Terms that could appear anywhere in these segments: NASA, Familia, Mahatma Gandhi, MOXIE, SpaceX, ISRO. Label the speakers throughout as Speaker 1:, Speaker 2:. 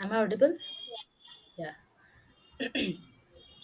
Speaker 1: Am I audible? Yeah.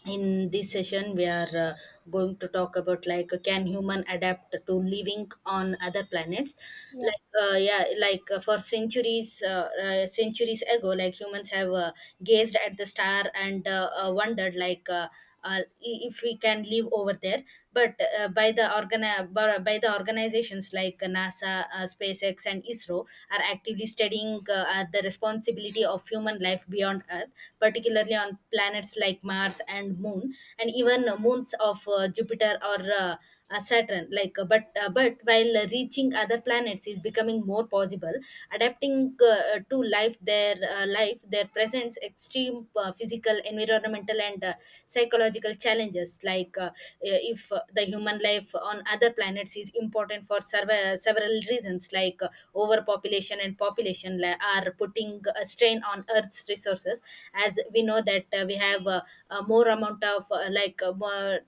Speaker 1: In this session, we are going to talk about like can human adapt to living on other planets?
Speaker 2: Yeah,
Speaker 1: Like, yeah, like for centuries, centuries ago, like humans have gazed at the star and wondered like. If we can live over there, but by the organizations like NASA, SpaceX, and ISRO are actively studying the responsibility of human life beyond Earth, particularly on planets like Mars and Moon, and even moons of Jupiter or Saturn. But while reaching other planets is becoming more possible, adapting to life, there presents extreme physical, environmental, and psychological challenges. If the human life on other planets is important for several, several reasons, like overpopulation and population are putting a strain on Earth's resources. As we know that we have uh, more amount of uh, like uh, more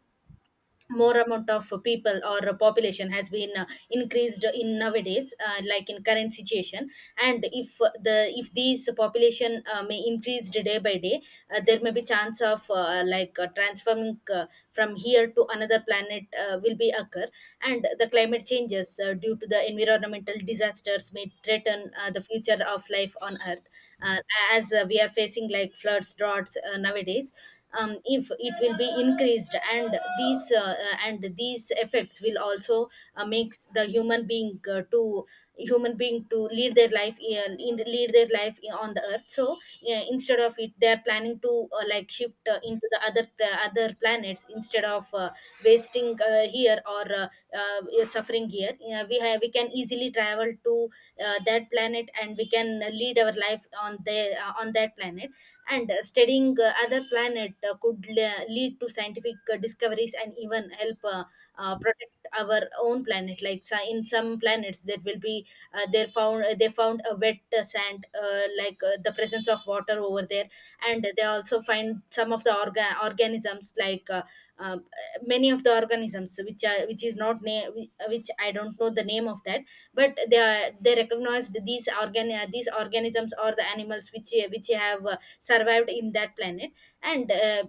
Speaker 1: more amount of people or population has been increased in nowadays, like in current situation. And if these population may increased day by day, there may be chance of like transforming from here to another planet will be occur. And the climate changes due to the environmental disasters may threaten the future of life on earth, uh, as we are facing like floods droughts nowadays. If it will be increased and these effects will also makes the human being, to lead their life, on the earth, so instead of it, they are planning to like shift into the other planets, instead of wasting here or is suffering here. We have we can easily travel to that planet, and we can lead our life on the on that planet. And studying other planet could lead to scientific discoveries and even help protect our own planet. Like, so in some planets there will be, they found a wet, the sand, like the presence of water over there, and they also find some of the organisms, like uh, many of the organisms which is not name, which I don't know the name of that, but they recognized these organisms or the animals which have survived in that planet. And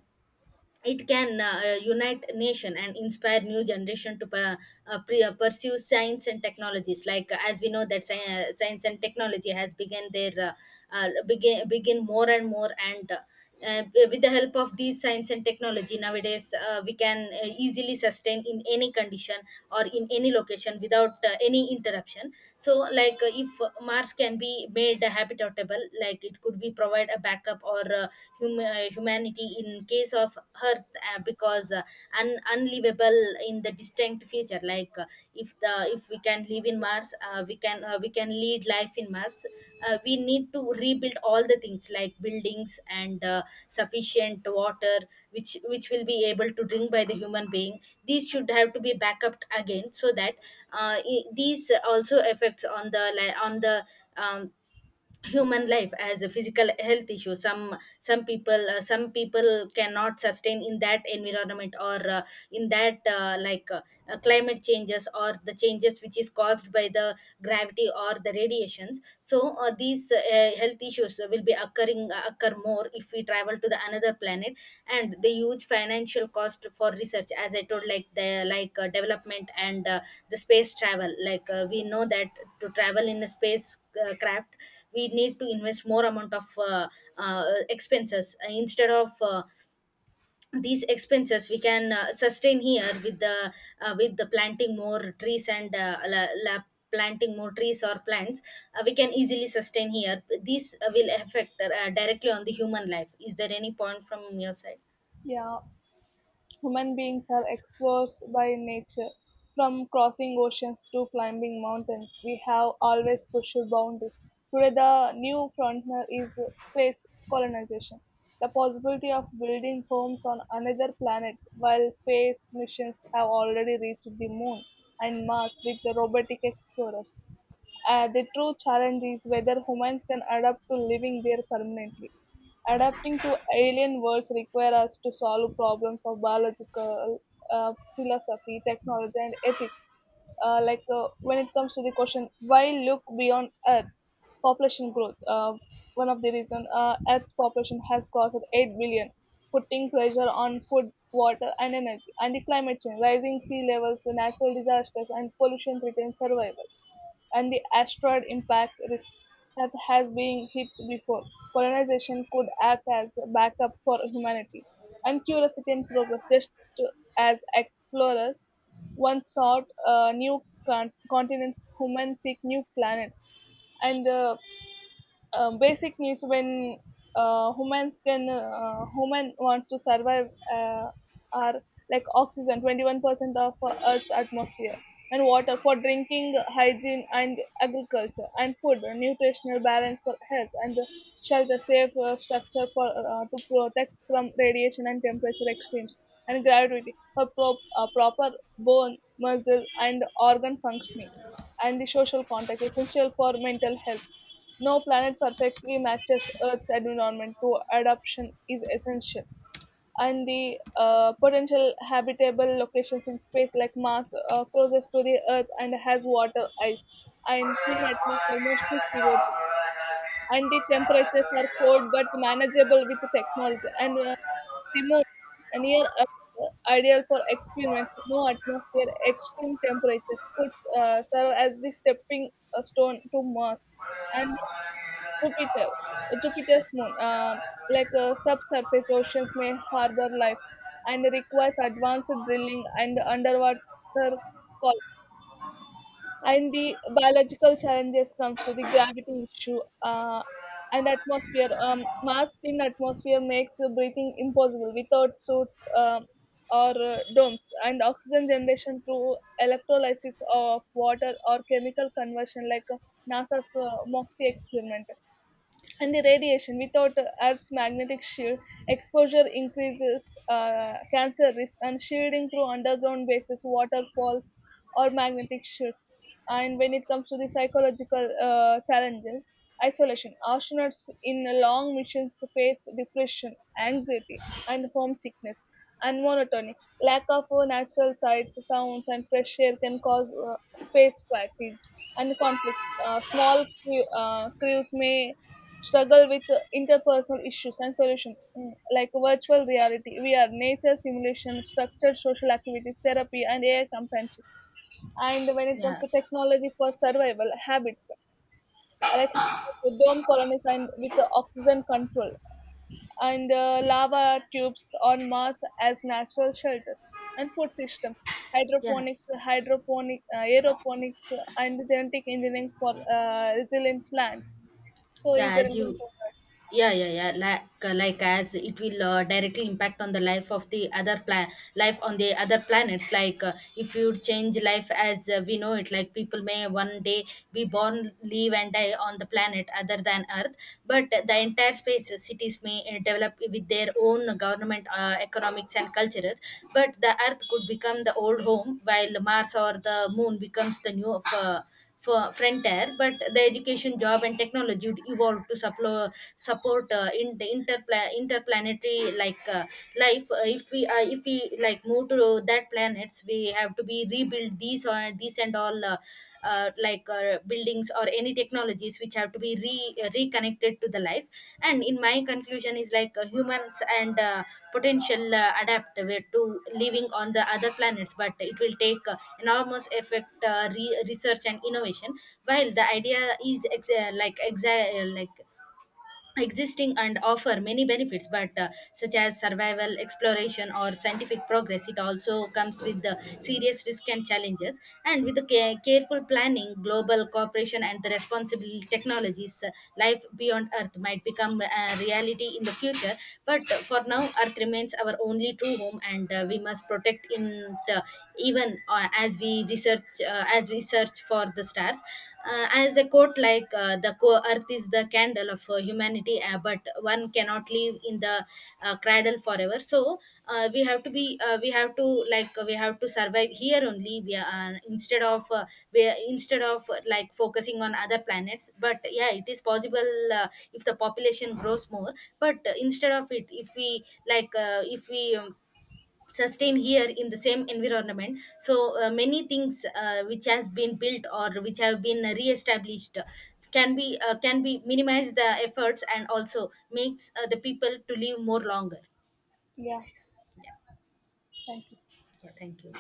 Speaker 1: it can unite nation and inspire new generation to pursue science and technologies, like as we know that science and technology has begin more and more. And uh, with the help of these science and technology nowadays, we can easily sustain in any condition or in any location without any interruption. So like if Mars can be made habitable, like it could be provide a backup up or humanity in case of earth, because unlivable in the distant future. Like, if we can live in Mars, we can lead life in Mars. We need to rebuild all the things like buildings and sufficient water, which will be able to drink by the human being. These should have to be back up again, so that these also affects on on the um, human life as a physical health issue. Some people cannot sustain in that environment or in that, climate changes or the changes which is caused by the gravity or the radiations. So these health issues will be occur more if we travel to the another planet, and the huge financial cost for research, as I told, like the like development and the space travel. Like we know that to travel in a space craft, we need to invest more amount of uh, expenses. Instead of these expenses, we can sustain here with the planting more trees, and la, la planting more trees or plants. We can easily sustain here. This will affect directly on the human life. Is there any point from your side?
Speaker 2: yeah. Human beings are exposed by nature. From crossing oceans to climbing mountains, we have always pushed boundaries. Today, the new frontier is space colonization. The possibility of building homes on another planet while space missions have already reached the moon and Mars with the robotic explorers. The true challenge is whether humans can adapt to living there permanently. Adapting to alien worlds require us to solve problems of biological, philosophy, technology, and ethics. When it comes to the question, why look beyond Earth? Population growth. One of the reasons, Earth's population has crossed 8 billion, putting pressure on food, water, and energy. And the climate change, rising sea levels, natural disasters, and pollution threaten survival, and the asteroid impact risk that has been hit before. Colonization could act as a backup for humanity and curiosity and progress, just to- as explorers once sought new continents, humans seek new planets. And the basic needs when human wants to survive uh, are like oxygen 21% of earth's atmosphere, and water for drinking, hygiene, and agriculture, and food, nutritional balance for health, and shelter, safe structure for to protect from radiation and temperature extremes, and gravity for proper bone, muscle, and organ functioning, and the social contact essential for mental health. No planet perfectly matches Earth's environment, so adaptation is essential. And the potential habitable locations in space, like Mars, closest to the Earth and has water, ice, and thin atmosphere, mostly CO2. And the temperatures are cold but manageable with technology. And the moon, near Earth, ideal for experiments. No atmosphere, extreme temperatures could serve as the stepping stone to Mars. And Jupiter, Jupiter's moon, subsurface oceans may harbor life and requires advanced drilling and underwater call. And the biological challenges comes to the gravity issue and atmosphere. Mass in atmosphere makes breathing impossible without suits, or domes, and oxygen generation through electrolysis of water or chemical conversion like, NASA's MOXIE experiment, and the radiation without Earth's magnetic shield, exposure increases cancer risk, and shielding through underground bases, waterfalls, or magnetic shields. And when it comes to the psychological challenges, isolation. Astronauts in long missions face depression, anxiety, and homesickness, and monotony. Lack of natural sights, sounds, and fresh air can cause space fatigue and conflicts. Small crews may struggle with interpersonal issues, and solutions like virtual reality, VR, nature simulation, structured social activities, therapy, and AI companionship. And when it comes
Speaker 1: Yeah,
Speaker 2: to technology for survival, habits I like the dome colonies and with the oxygen control, and lava tubes on Mars as natural shelters, and food system.
Speaker 1: yeah,
Speaker 2: Hydroponics, hydroponic, aeroponics, and genetic engineering for resilient plants. So, is
Speaker 1: yeah,
Speaker 2: there
Speaker 1: as you
Speaker 2: anything?
Speaker 1: yeah, yeah, yeah, like as it will directly impact on the life of the other planet, life on the other planets. Like if you change life as we know it, like people may one day be born, live and die on the planet other than earth, but the entire space cities may develop with their own government, economics and cultures. But the earth could become the old home while Mars or the moon becomes the new of for frontier, but the education, job, and technology would evolve to support in the interplanetary, like life. If we like move to that planets, we have to be rebuild these or these and all, like buildings or any technology technologies which have to be reconnected to the life. And in my conclusion is, like humans and potential adapt to living on the other planets, but it will take enormous effect, research and innovation. While the idea is like existing and offer many benefits, but such as survival exploration or scientific progress, it also comes with the serious risk and challenges. And with the careful planning, global cooperation and the responsible technologies, life beyond earth might become a reality in the future. But for now earth remains our only true home, and we must protect in the, even as we search for the stars, as a quote, like earth is the candle of humanity, but one cannot live in the cradle forever. So uh, we have to be uh, we have to we have to survive here only we are, instead of like focusing on other planets. But yeah, it is possible, uh, if the population grows more, but instead of it, if we sustain here in the same environment. So many things, which has been built or which have been re-established, can be, minimize the efforts, and also makes the people to live more longer. Yeah. Yeah, thank you.